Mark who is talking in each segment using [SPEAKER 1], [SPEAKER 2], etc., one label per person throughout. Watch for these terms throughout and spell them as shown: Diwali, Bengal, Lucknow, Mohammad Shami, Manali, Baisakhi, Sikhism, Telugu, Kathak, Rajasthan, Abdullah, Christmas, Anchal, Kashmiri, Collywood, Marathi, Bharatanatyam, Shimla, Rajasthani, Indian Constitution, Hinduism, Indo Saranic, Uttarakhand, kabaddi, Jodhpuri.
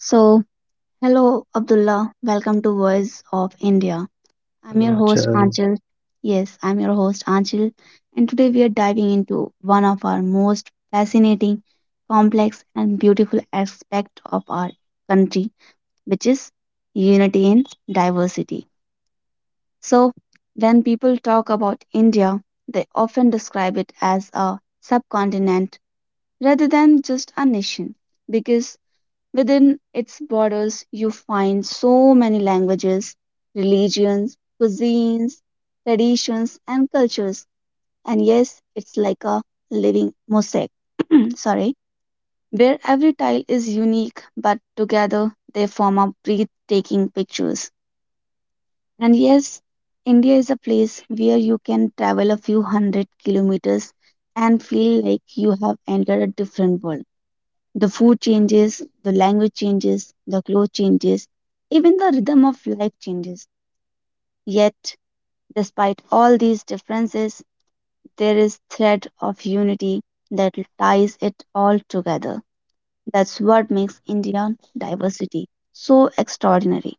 [SPEAKER 1] So, hello Abdullah, welcome to Voice of India. I'm your
[SPEAKER 2] Hello,
[SPEAKER 1] host
[SPEAKER 2] Achal.
[SPEAKER 1] Anchal. Yes, I'm your host Anchal, and today we are diving into one of our most fascinating, complex, and beautiful aspect of our country, which is unity in diversity. So, when people talk about India, they often describe it as a subcontinent rather than just a nation because within its borders, you find so many languages, religions, cuisines, traditions, and cultures. And yes, it's like a living mosaic. Sorry, where every tile is unique, but together they form a breathtaking pictures. And yes, India is a place where you can travel a few hundred kilometers and feel like you have entered a different world. The food changes, the language changes, the clothes changes, even the rhythm of life changes. Yet, despite all these differences, there is thread of unity that ties it all together. That's what makes Indian diversity so extraordinary.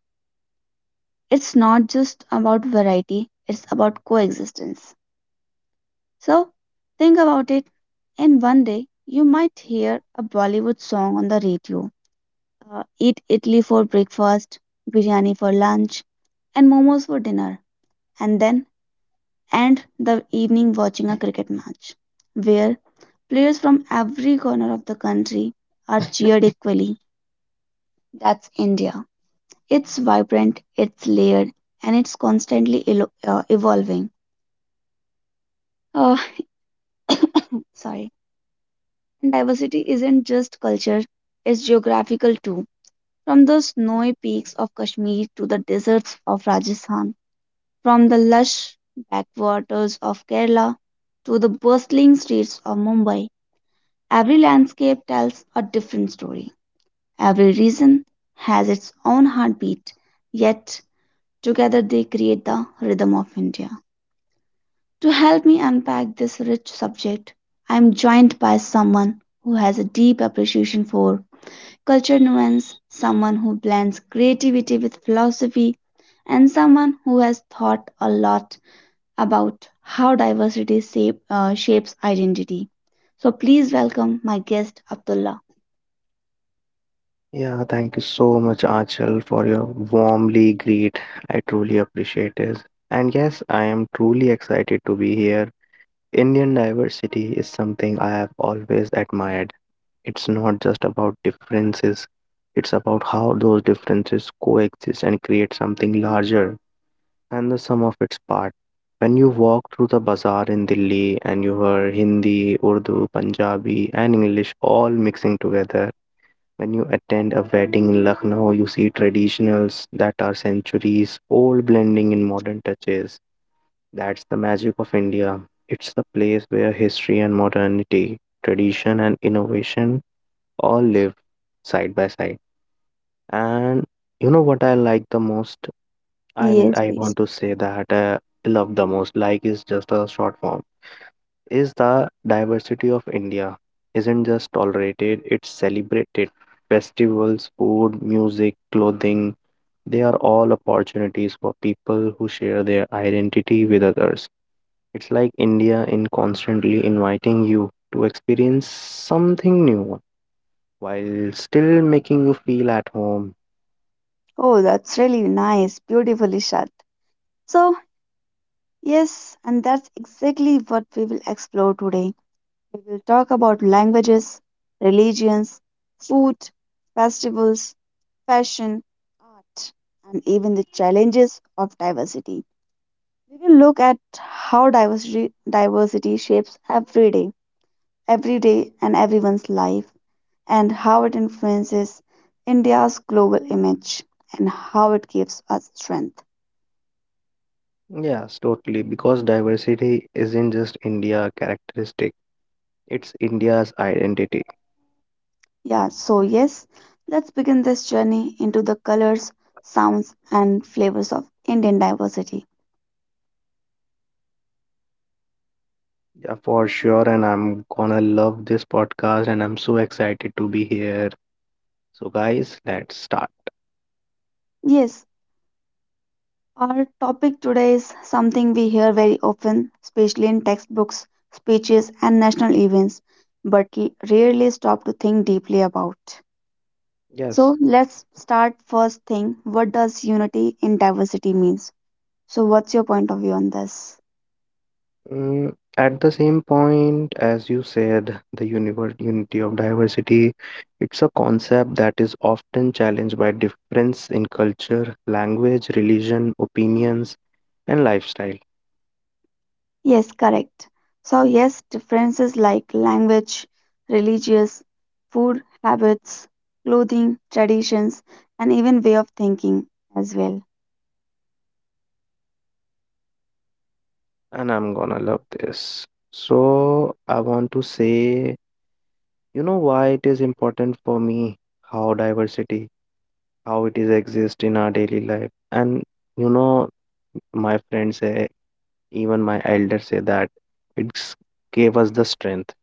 [SPEAKER 1] It's not just about variety, it's about coexistence. So, think about it. And one day, you might hear a Bollywood song on the radio, eat idli for breakfast, biryani for lunch, and momos for dinner, and then end the evening watching a cricket match where players from every corner of the country are cheered equally. That's India. It's vibrant, it's layered, and it's constantly evolving. Uh, Sorry. And diversity isn't just culture, it's geographical too. From the snowy peaks of Kashmir to the deserts of Rajasthan, from the lush backwaters of Kerala to the bustling streets of Mumbai, every landscape tells a different story. Every region has its own heartbeat, yet together they create the rhythm of India. To help me unpack this rich subject, I am joined by someone who has a deep appreciation for culture nuance, someone who blends creativity with philosophy, and someone who has thought a lot about how diversity shapes identity. So please welcome my guest, Abdullah.
[SPEAKER 2] Yeah, thank you so much, Achal, for your warmly greet. I truly appreciate it. And yes, I am truly excited to be here. Indian diversity is something I have always admired. It's not just about differences, it's about how those differences coexist and create something larger than the sum of its parts. When you walk through the bazaar in Delhi and you hear Hindi, Urdu, Punjabi, and English all mixing together, when you attend a wedding in Lucknow, you see traditionals that are centuries old blending in modern touches. That's the magic of India. It's the place where history and modernity, tradition and innovation all live side by side. And you know what I like the most? I mean,
[SPEAKER 1] Yes,
[SPEAKER 2] I want
[SPEAKER 1] please.
[SPEAKER 2] to say that I love the most. Like is just a short form is the diversity of India isn't just tolerated, it's celebrated. Festivals, food, music, clothing, they are all opportunities for people who share their identity with others. It's like India in constantly inviting you to experience something new while still making you feel at home.
[SPEAKER 1] Oh, that's really nice. Beautifully shot. So, yes, and that's exactly what we will explore today. We will talk about languages, religions, food, festivals, fashion, art, and even the challenges of diversity. We will look at how diversity shapes every day and everyone's life, and how it influences India's global image and how it gives us strength.
[SPEAKER 2] Yes, totally. Because diversity isn't just India characteristic, it's India's identity.
[SPEAKER 1] Yeah, so yes, let's begin this journey into the colors, sounds, and flavors of Indian diversity.
[SPEAKER 2] Yeah, for sure. And I'm gonna love this podcast, and I'm so excited to be here. So, guys, let's start.
[SPEAKER 1] Yes, our topic today is something we hear very often, especially in textbooks, speeches, and national events, but rarely stop to think deeply about.
[SPEAKER 2] Yes.
[SPEAKER 1] So let's start first thing. What does unity in diversity means? So what's your point of view on this?
[SPEAKER 2] At the same point, as you said, the univer unity of diversity, it's a concept that is often challenged by difference in culture, language, religion, opinions, and lifestyle.
[SPEAKER 1] Yes, correct. So yes, differences like language, religious, food habits, clothing, traditions, and even way of thinking as well.
[SPEAKER 2] And I'm gonna love this. So, I want to say, you know, why it is important for me how diversity how it is exist in our daily life, and you know my friends say, even my elders say that it's gave us the strength.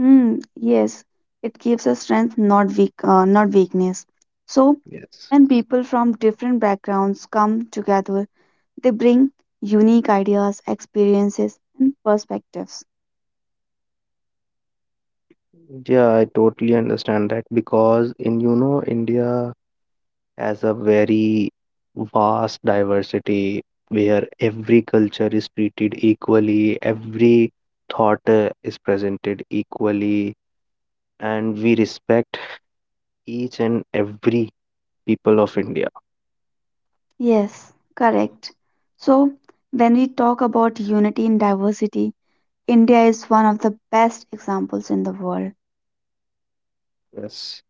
[SPEAKER 1] Hmm, yes, it gives us strength, not weak, not weakness. So
[SPEAKER 2] Yes.
[SPEAKER 1] when people from different backgrounds come together, they bring unique ideas, experiences, and perspectives.
[SPEAKER 2] Yeah, I totally understand that because in you know India has a very vast diversity where every culture is treated equally, every thought is presented equally, and we respect each and every people of India.
[SPEAKER 1] Yes, correct. So, when we talk about unity in diversity, India is one of the best examples in the world.
[SPEAKER 2] Yes.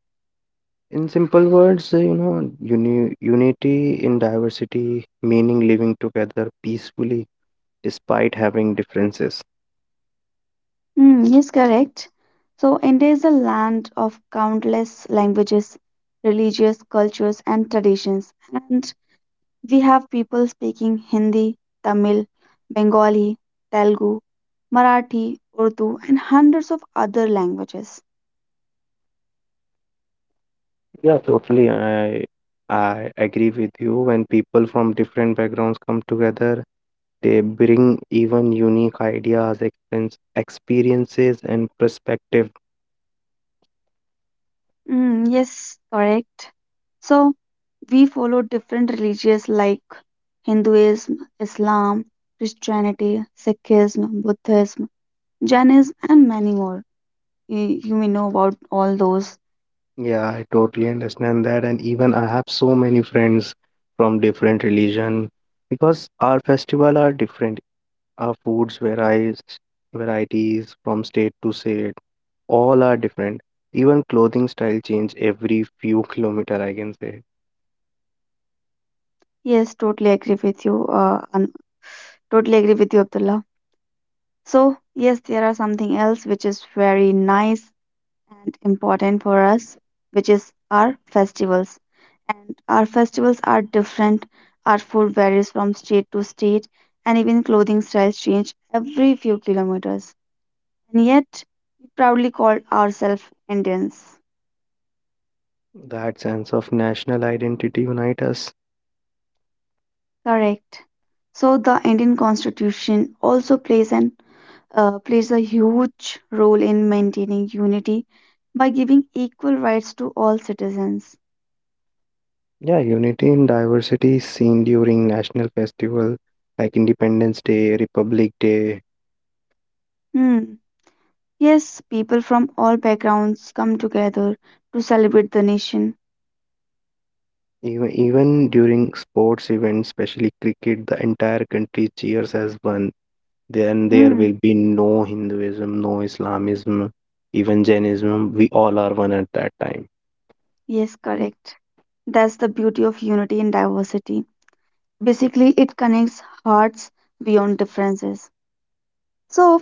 [SPEAKER 2] In simple words, you know, unity in diversity, meaning living together peacefully despite having differences.
[SPEAKER 1] Mm, yes, correct. So, India is a land of countless languages, religious cultures, and traditions. And we have people speaking Hindi, Tamil, Bengali, Telugu, Marathi, Urdu, and hundreds of other languages.
[SPEAKER 2] Yeah, totally. I agree with you. When people from different backgrounds come together, they bring even unique ideas, experiences, and perspective.
[SPEAKER 1] Mm, yes, correct. So, we follow different religions like Hinduism, Islam, Christianity, Sikhism, Buddhism, Jainism, and many more. You may know about all those.
[SPEAKER 2] Yeah, I totally understand that. And even I have so many friends from different religion because our festival are different. Our foods varieties from state to state. All are different. Even clothing style change every few kilometer, I can say.
[SPEAKER 1] Yes, totally agree with you. Totally agree with you, Abdullah. So, yes, there are something else which is very nice and important for us, which is our festivals. And our festivals are different. Our food varies from state to state, and even clothing styles change every few kilometers. And yet, we proudly call ourselves Indians.
[SPEAKER 2] That sense of national identity unite us.
[SPEAKER 1] Correct. So the Indian Constitution also plays a huge role in maintaining unity by giving equal rights to all citizens.
[SPEAKER 2] Yeah, unity in diversity is seen during national festival like Independence Day, Republic Day.
[SPEAKER 1] Hmm. Yes, people from all backgrounds come together to celebrate the nation.
[SPEAKER 2] Even during sports events, especially cricket, the entire country cheers as one. Then there
[SPEAKER 1] Mm.
[SPEAKER 2] will be no Hinduism, no Islamism, even Jainism. We all are one at that time.
[SPEAKER 1] Yes,
[SPEAKER 2] Mm.
[SPEAKER 1] correct. That's the beauty of unity in diversity. Basically, it connects hearts beyond differences. So,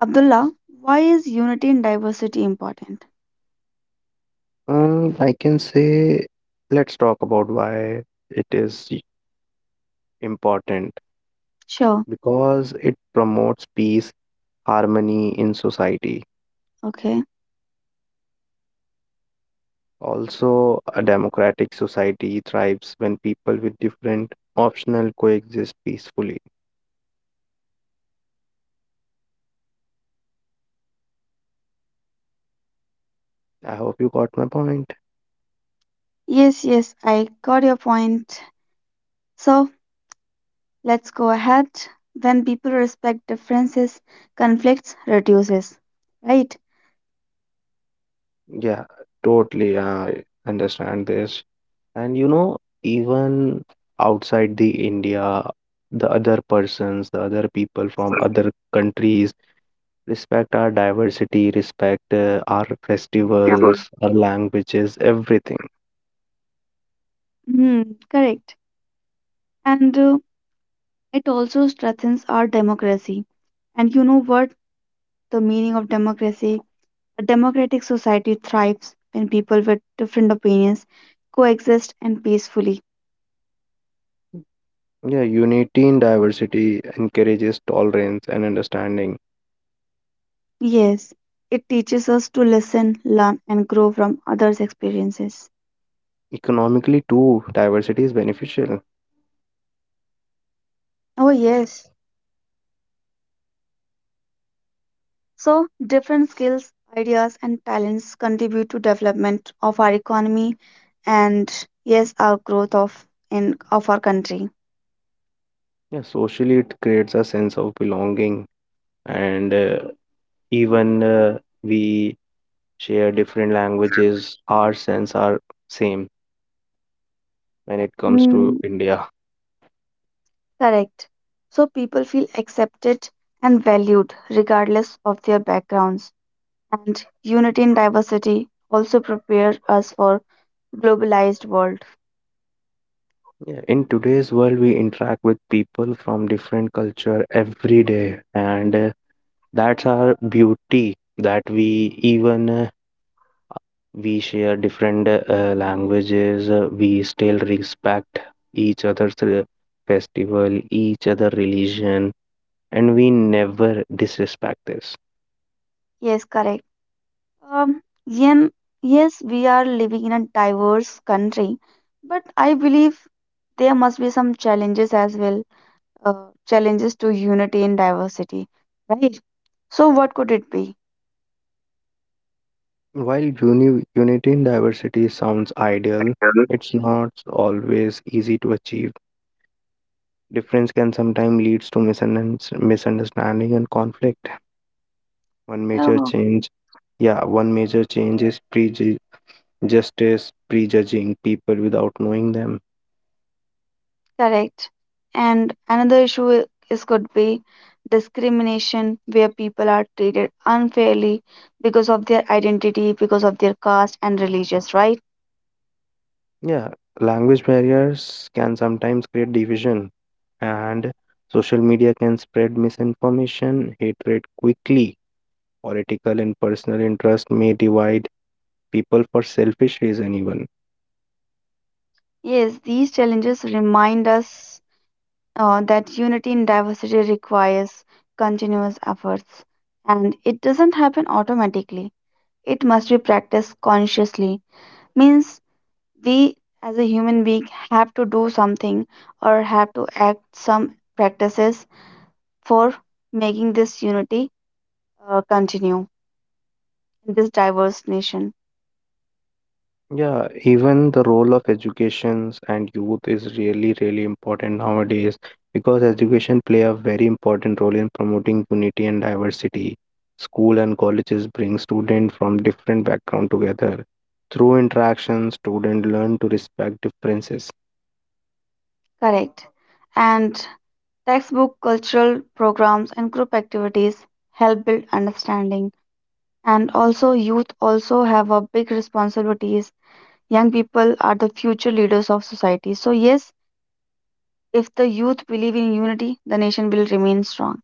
[SPEAKER 1] Abdullah, why is unity in diversity important?
[SPEAKER 2] I can say, let's talk about why it is important
[SPEAKER 1] Sure,
[SPEAKER 2] because it promotes peace, harmony in society.
[SPEAKER 1] okay.
[SPEAKER 2] Also, a democratic society thrives when people with different optional coexist peacefully. I hope you got my point.
[SPEAKER 1] Yes, yes, I got your point. So, let's go ahead. When people respect differences, conflicts reduces, right?
[SPEAKER 2] Yeah, totally. I understand this. And you know, even outside the India, the other persons, the other people from other countries respect our diversity, respect our
[SPEAKER 1] Yes, ma'am.
[SPEAKER 2] festivals, our languages, everything.
[SPEAKER 1] Hmm, correct. And it also strengthens our democracy. And you know what? The meaning of democracy. A democratic society thrives when people with different opinions coexist and peacefully.
[SPEAKER 2] Yeah, unity in diversity encourages tolerance and understanding.
[SPEAKER 1] Yes, it teaches us to listen, learn, and grow from others' experiences.
[SPEAKER 2] Economically, too, diversity is beneficial.
[SPEAKER 1] Oh, yes. So, different skills, ideas, and talents contribute to development of our economy and, yes, our growth of in of our country.
[SPEAKER 2] Yeah, socially, it creates a sense of belonging. And even we share different languages, our sense are same when it comes to
[SPEAKER 1] Hmm.
[SPEAKER 2] India.
[SPEAKER 1] Correct. So people feel accepted and valued regardless of their backgrounds. And unity in diversity also prepare us for globalized world.
[SPEAKER 2] Yeah, in today's world, we interact with people from different culture every day, and that's our beauty that we even we share different languages. We still respect each other's festival, each other religion, and we never disrespect this.
[SPEAKER 1] Yes, correct. Um, yen, yes, we are living in a diverse country, but I believe there must be some challenges as well. Challenges to unity in diversity, right? So what could it be?
[SPEAKER 2] While unity in diversity sounds ideal,
[SPEAKER 1] Mhm.
[SPEAKER 2] it's not always easy to achieve. Difference can sometimes leads to misunderstanding and conflict. One major
[SPEAKER 1] Yeah.
[SPEAKER 2] change, yeah, one major change is prejudging people without knowing them.
[SPEAKER 1] Correct. And another issue is could be discrimination where people are treated unfairly because of their identity, because of their caste and religious, right?
[SPEAKER 2] Yeah, language barriers can sometimes create division, and social media can spread misinformation, hatred quickly. Political and personal interest may divide people for selfish reason even.
[SPEAKER 1] Yes, these challenges remind us that unity in diversity requires continuous efforts and it doesn't happen automatically. It must be practiced consciously. Means we as a human being have to do something or have to act some practices for making this unity continue in this diverse nation.
[SPEAKER 2] Yeah, even the role of educations and youth is really, really important nowadays because education play a very important role in promoting unity and diversity. School and colleges bring students from different background together. Through interaction, students learn to respect differences.
[SPEAKER 1] Correct. And textbook, cultural programs, and group activities help build understanding. And also, youth also have a big responsibilities. Young people are the future leaders of society. So yes, if the youth believe in unity, the nation will remain strong.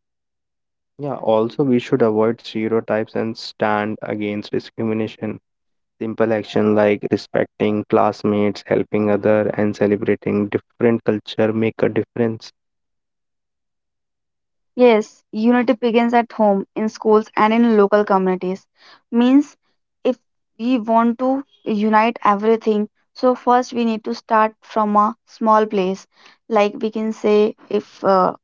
[SPEAKER 2] Yeah, also we should avoid stereotypes and stand against discrimination. Simple action like respecting classmates, helping other, and celebrating different culture make a difference.
[SPEAKER 1] Yes, unity begins at home, in schools, and in local communities. Means if we want to unite everything, so first we need to start from a small place. Like we can say, if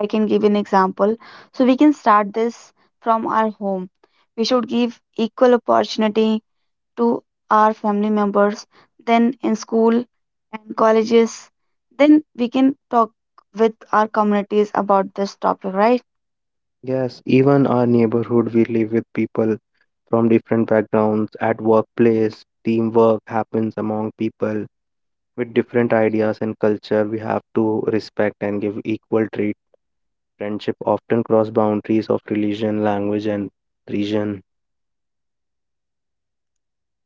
[SPEAKER 1] I can give an example, so we can start this from our home. We should give equal opportunity to our family members, then in school and colleges, then we can talk with our communities about this topic, right?
[SPEAKER 2] Yes, even our neighborhood, we live with people from different backgrounds. At workplace, teamwork happens among people with different ideas and culture. We have to respect and give equal treat. Friendship often cross boundaries of religion, language, and region.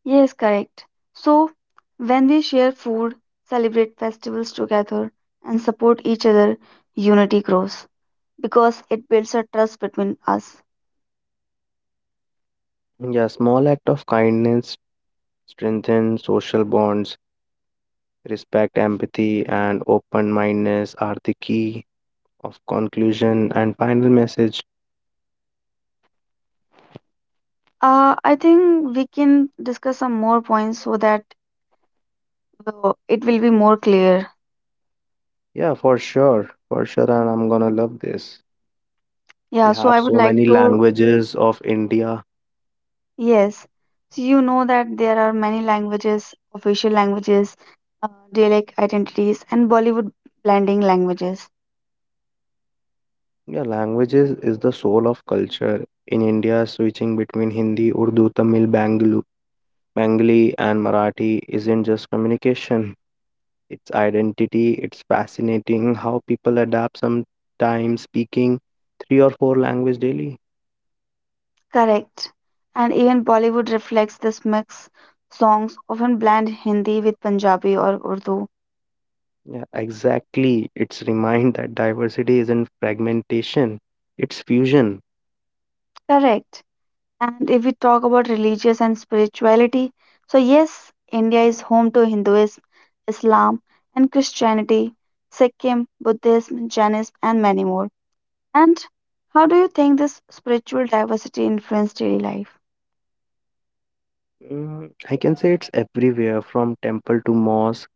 [SPEAKER 1] Yes, correct. So, when we share food, celebrate festivals together, and support each other, unity grows because it builds a trust between us.
[SPEAKER 2] Yeah, small act of kindness strengthen social bonds. Respect, empathy, and open-mindedness are the key of conclusion and final message.
[SPEAKER 1] I think we can discuss some more points so that it will be more clear.
[SPEAKER 2] Yeah, for sure, and I'm gonna love this.
[SPEAKER 1] Yeah,
[SPEAKER 2] We
[SPEAKER 1] so I
[SPEAKER 2] have
[SPEAKER 1] would
[SPEAKER 2] so
[SPEAKER 1] like
[SPEAKER 2] many
[SPEAKER 1] to,
[SPEAKER 2] languages of India.
[SPEAKER 1] yes. So, you know that there are many languages, official languages, uh, dialect identities, and Bollywood blending languages.
[SPEAKER 2] Yeah, languages is the soul of culture. In India, switching between Hindi, Urdu, Tamil, Bengali, and Marathi isn't just communication, it's identity. It's fascinating how people adapt sometimes speaking three or four languages daily.
[SPEAKER 1] Correct. And even Bollywood reflects this mix. Songs often blend Hindi with Punjabi or Urdu.
[SPEAKER 2] Yeah, exactly. It's remind that diversity isn't fragmentation, it's fusion.
[SPEAKER 1] Correct. And if we talk about religious and spirituality, so yes, India is home to Hinduism, Islam, and Christianity, Sikkim, Buddhism, Jainism, and many more. And how do you think this spiritual diversity influenced daily life?
[SPEAKER 2] I can say it's everywhere from temple to mosque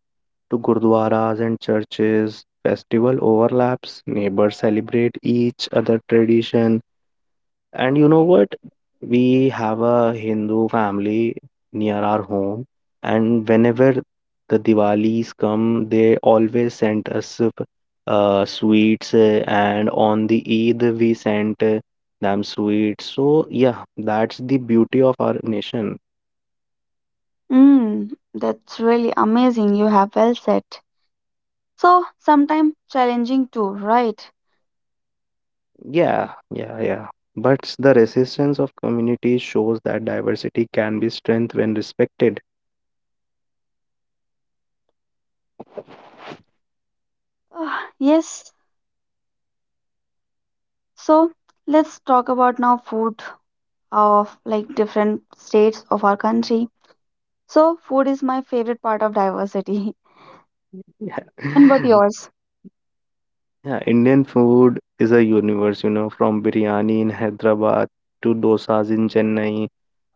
[SPEAKER 2] to gurdwaras and churches. Festival overlaps, neighbors celebrate each other tradition. And you know what? We have a Hindu family near our home, and whenever the Diwalis come, they always send us sweets, and on the Eid we sent them sweets. So yeah, that's the beauty of our nation.
[SPEAKER 1] Mm, that's really amazing. You have well said. So, sometimes challenging too, right?
[SPEAKER 2] Yeah, yeah, yeah. But the resistance of communities shows that diversity can be strength when respected.
[SPEAKER 1] Ah, yes. So let's talk about now food of like different states of our country. So food is my favorite part of diversity.
[SPEAKER 2] Yeah.
[SPEAKER 1] And what yours?
[SPEAKER 2] Yeah, Indian food is a universe, you know, from biryani in Hyderabad to dosas in Chennai,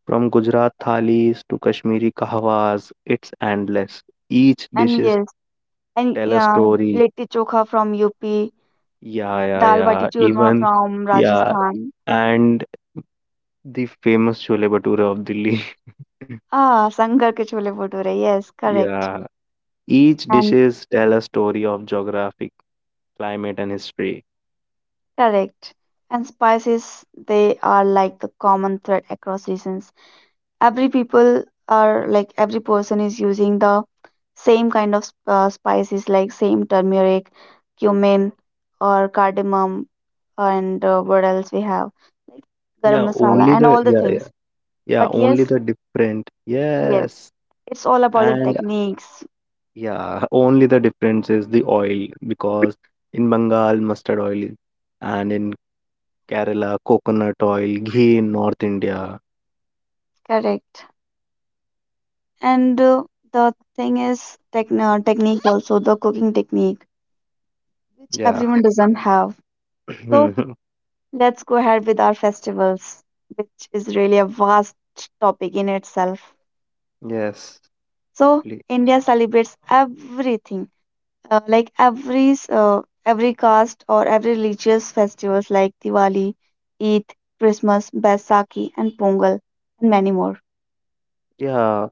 [SPEAKER 2] from Gujarat thalis to Kashmiri kahwas, it's endless. Each
[SPEAKER 1] And
[SPEAKER 2] dishes
[SPEAKER 1] yes, and
[SPEAKER 2] tell a
[SPEAKER 1] yeah,
[SPEAKER 2] story.
[SPEAKER 1] litti chokha from UP,
[SPEAKER 2] Yeah, yeah,
[SPEAKER 1] dal bati
[SPEAKER 2] yeah.
[SPEAKER 1] churma
[SPEAKER 2] Even
[SPEAKER 1] from
[SPEAKER 2] yeah,
[SPEAKER 1] Rajasthan.
[SPEAKER 2] and the famous chole bhature of Delhi.
[SPEAKER 1] Ah, sangar ke chole bhature. Yes, correct.
[SPEAKER 2] Yeah. Each
[SPEAKER 1] And
[SPEAKER 2] dishes tell a story of geographic, climate, and history.
[SPEAKER 1] correct. And spices, they are like the common thread across regions. Every people are like every person is using the same kind of spices like same turmeric, cumin, or cardamom, and what else we have, like garam
[SPEAKER 2] Yeah,
[SPEAKER 1] masala
[SPEAKER 2] only
[SPEAKER 1] and
[SPEAKER 2] the
[SPEAKER 1] all the
[SPEAKER 2] yeah yeah
[SPEAKER 1] things.
[SPEAKER 2] yeah
[SPEAKER 1] But
[SPEAKER 2] only
[SPEAKER 1] yes,
[SPEAKER 2] the different
[SPEAKER 1] yes,
[SPEAKER 2] yes
[SPEAKER 1] it's all about the
[SPEAKER 2] and
[SPEAKER 1] techniques.
[SPEAKER 2] yeah only the difference is the oil because in Bengal mustard oil and in Kerala coconut oil ghee in North India
[SPEAKER 1] Correct. And the thing is, technique, also the cooking technique, which
[SPEAKER 2] yeah
[SPEAKER 1] everyone doesn't have. So let's go ahead with our festivals, which is really a vast topic in itself.
[SPEAKER 2] yes
[SPEAKER 1] So
[SPEAKER 2] please.
[SPEAKER 1] India celebrates everything, like every caste or every religious festivals like Diwali, Eid, Christmas, Baisakhi, and Pongal, and many more.
[SPEAKER 2] Yeah,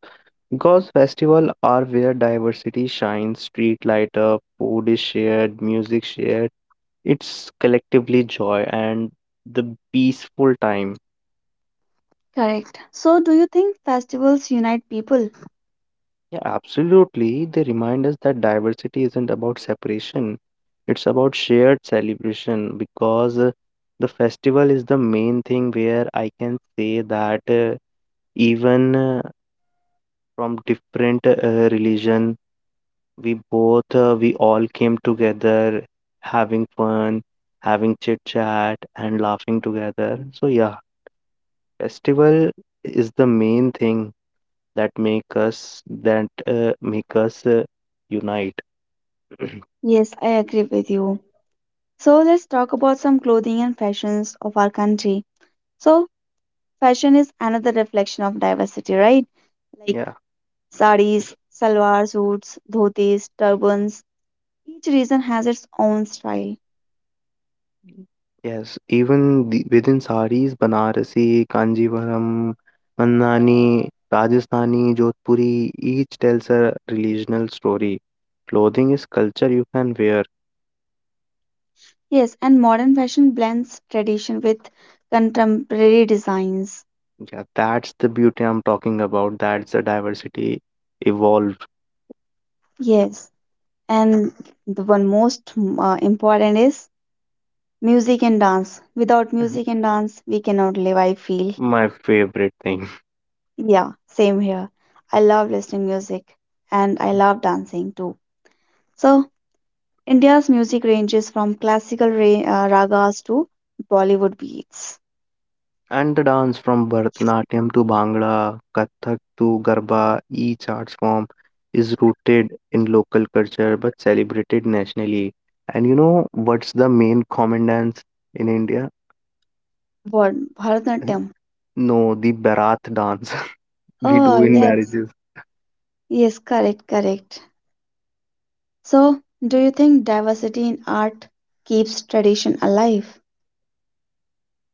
[SPEAKER 2] because festival are where diversity shines, street light up, food is shared, music shared. It's collectively joy and the peaceful time.
[SPEAKER 1] Correct. So, do you think festivals unite people?
[SPEAKER 2] Yeah, absolutely. They remind us that diversity isn't about separation, it's about shared celebration because the festival is the main thing where I can say that even from different religion, we all came together having fun, having chit chat, and laughing together. So, yeah, festival is the main thing that make us, that make us unite.
[SPEAKER 1] Yes, I agree with you. So, let's talk about some clothing and fashions of our country. So, fashion is another reflection of diversity, right? Like
[SPEAKER 2] Yeah.
[SPEAKER 1] sarees, salwar suits, dhotis, turbans, each region has its own style.
[SPEAKER 2] Yes, even within saris, Banarasi, Kanjivaram, Mandani, Rajasthani, Jodhpuri, each tells a regional story. Clothing is culture you can wear.
[SPEAKER 1] Yes, and modern fashion blends tradition with contemporary designs.
[SPEAKER 2] Yeah, that's the beauty I'm talking about. That's the diversity evolved.
[SPEAKER 1] Yes, and the one most important is music and dance. Without music and dance, we cannot live, I feel.
[SPEAKER 2] My favorite thing.
[SPEAKER 1] Yeah, same here. I love listening music and I love dancing too. So, India's music ranges from classical ragas to Bollywood beats.
[SPEAKER 2] And the dance from Bharatanatyam to Bhangra, Kathak to Garba, each arts form is rooted in local culture but celebrated nationally. And you know what's the main common dance in India?
[SPEAKER 1] What? Bharatanatyam.
[SPEAKER 2] No, the Bharat dance we do
[SPEAKER 1] Oh,
[SPEAKER 2] in
[SPEAKER 1] yes.
[SPEAKER 2] marriages.
[SPEAKER 1] Yes, correct, correct. So, do you think diversity in art keeps tradition alive?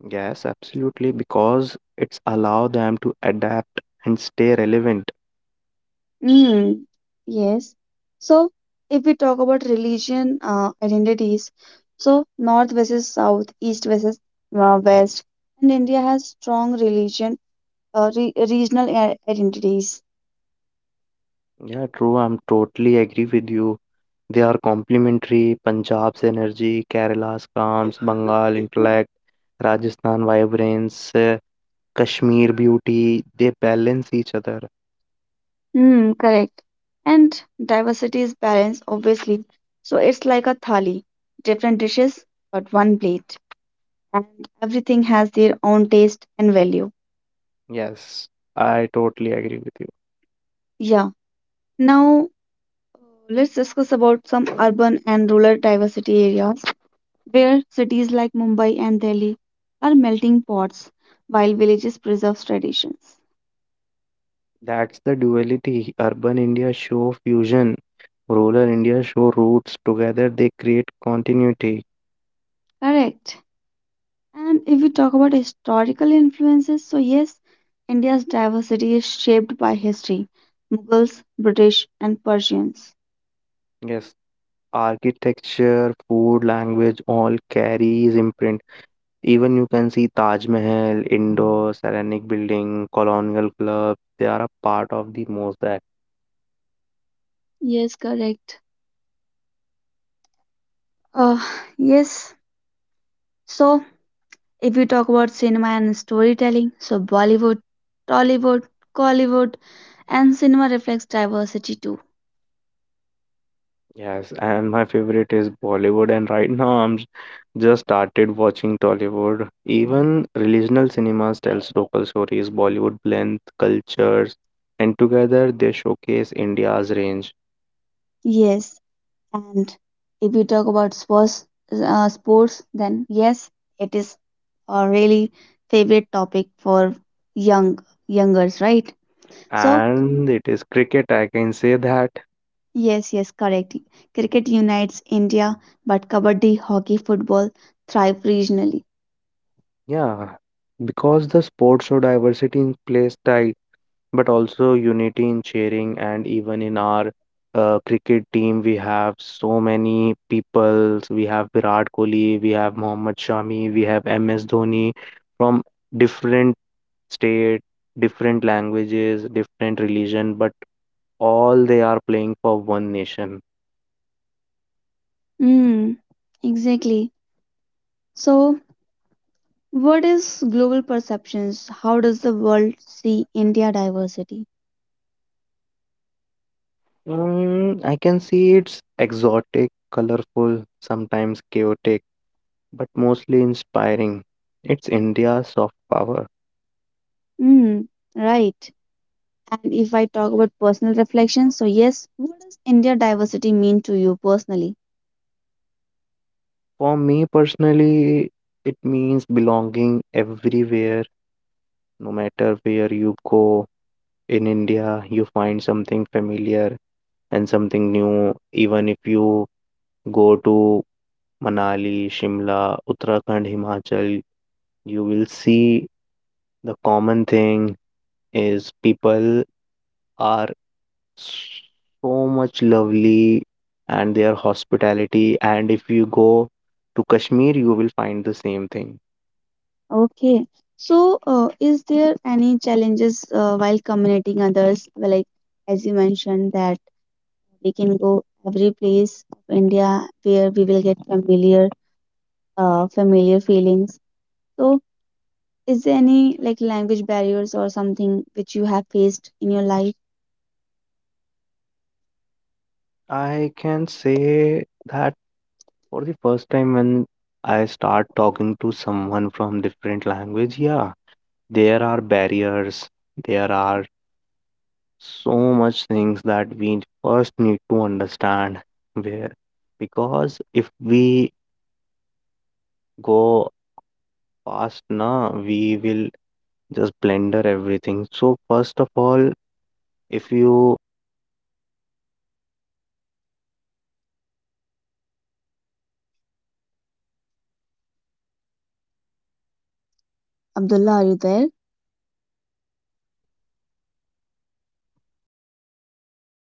[SPEAKER 2] Yes, absolutely, because it's allow them to adapt and stay relevant.
[SPEAKER 1] Mm, yes. So, if we talk about religion identities, so North versus South, East versus West, and India has strong religion re regional identities.
[SPEAKER 2] Yeah, true. I'm totally agree with you. They are complementary. Punjab's energy, Kerala's calms, Bengal intellect, Rajasthan vibrance, Kashmir beauty. They balance each other.
[SPEAKER 1] Mm, correct. And diversity is balanced, obviously. So, it's like a thali, different dishes, but one plate. And everything has their own taste and value.
[SPEAKER 2] Yes, I totally agree with you.
[SPEAKER 1] Yeah. Now let's discuss about some urban and rural diversity areas where cities like Mumbai and Delhi are melting pots while villages preserve traditions.
[SPEAKER 2] That's the duality. Urban India show fusion. Rural India show roots. Together they create continuity.
[SPEAKER 1] Correct. And if we talk about historical influences, so yes, India's diversity is shaped by history, Mughals, British, and Persians.
[SPEAKER 2] Yes, architecture, food, language all carries imprint. Even you can see Taj Mahal, Indo Saranic building, colonial clubs. They are a part of the mosaic.
[SPEAKER 1] Yes, correct. Uh, yes. So if we talk about cinema and storytelling, so Bollywood, Tollywood, Collywood, and cinema reflects diversity too.
[SPEAKER 2] Yes, and my favorite is Bollywood. And right now, just started watching Tollywood. Even regional cinemas tells local stories. Bollywood blends cultures, and together they showcase India's range.
[SPEAKER 1] Yes, and if you talk about sports, then yes, it is a really favorite topic for young youngers, right? So
[SPEAKER 2] And it is cricket. I can say that.
[SPEAKER 1] yes, yes, correct. Cricket unites India, but kabaddi, hockey, football thrive regionally.
[SPEAKER 2] Yeah, because the sports show diversity in play style but also unity in cheering, and even in our cricket team we have so many people. We have Virat Kohli, we have Mohammad Shami, we have MS Dhoni from different state, different languages, different religion, but all they are playing for one nation.
[SPEAKER 1] Hmm, exactly. So what is global perceptions? How does the world see India diversity?
[SPEAKER 2] I can see it's exotic, colorful, sometimes chaotic but mostly inspiring. It's India's soft power.
[SPEAKER 1] Mm, right. And if I talk about personal reflections, so yes, what does India diversity mean to you personally?
[SPEAKER 2] For me personally, it means belonging everywhere, no matter where you go. In India, you find something familiar and something new, even if you go to Manali, Shimla, Uttarakhand, Himachal, you will see the common thing is people are so much lovely and their hospitality. And if you go to Kashmir, you will find the same thing.
[SPEAKER 1] Okay. So, is there any challenges while communicating others? Well, like as you mentioned that we can go every place of India where we will get familiar, familiar feelings. So, is there any like language barriers or something which you have faced in your life? Abdullah, are you there?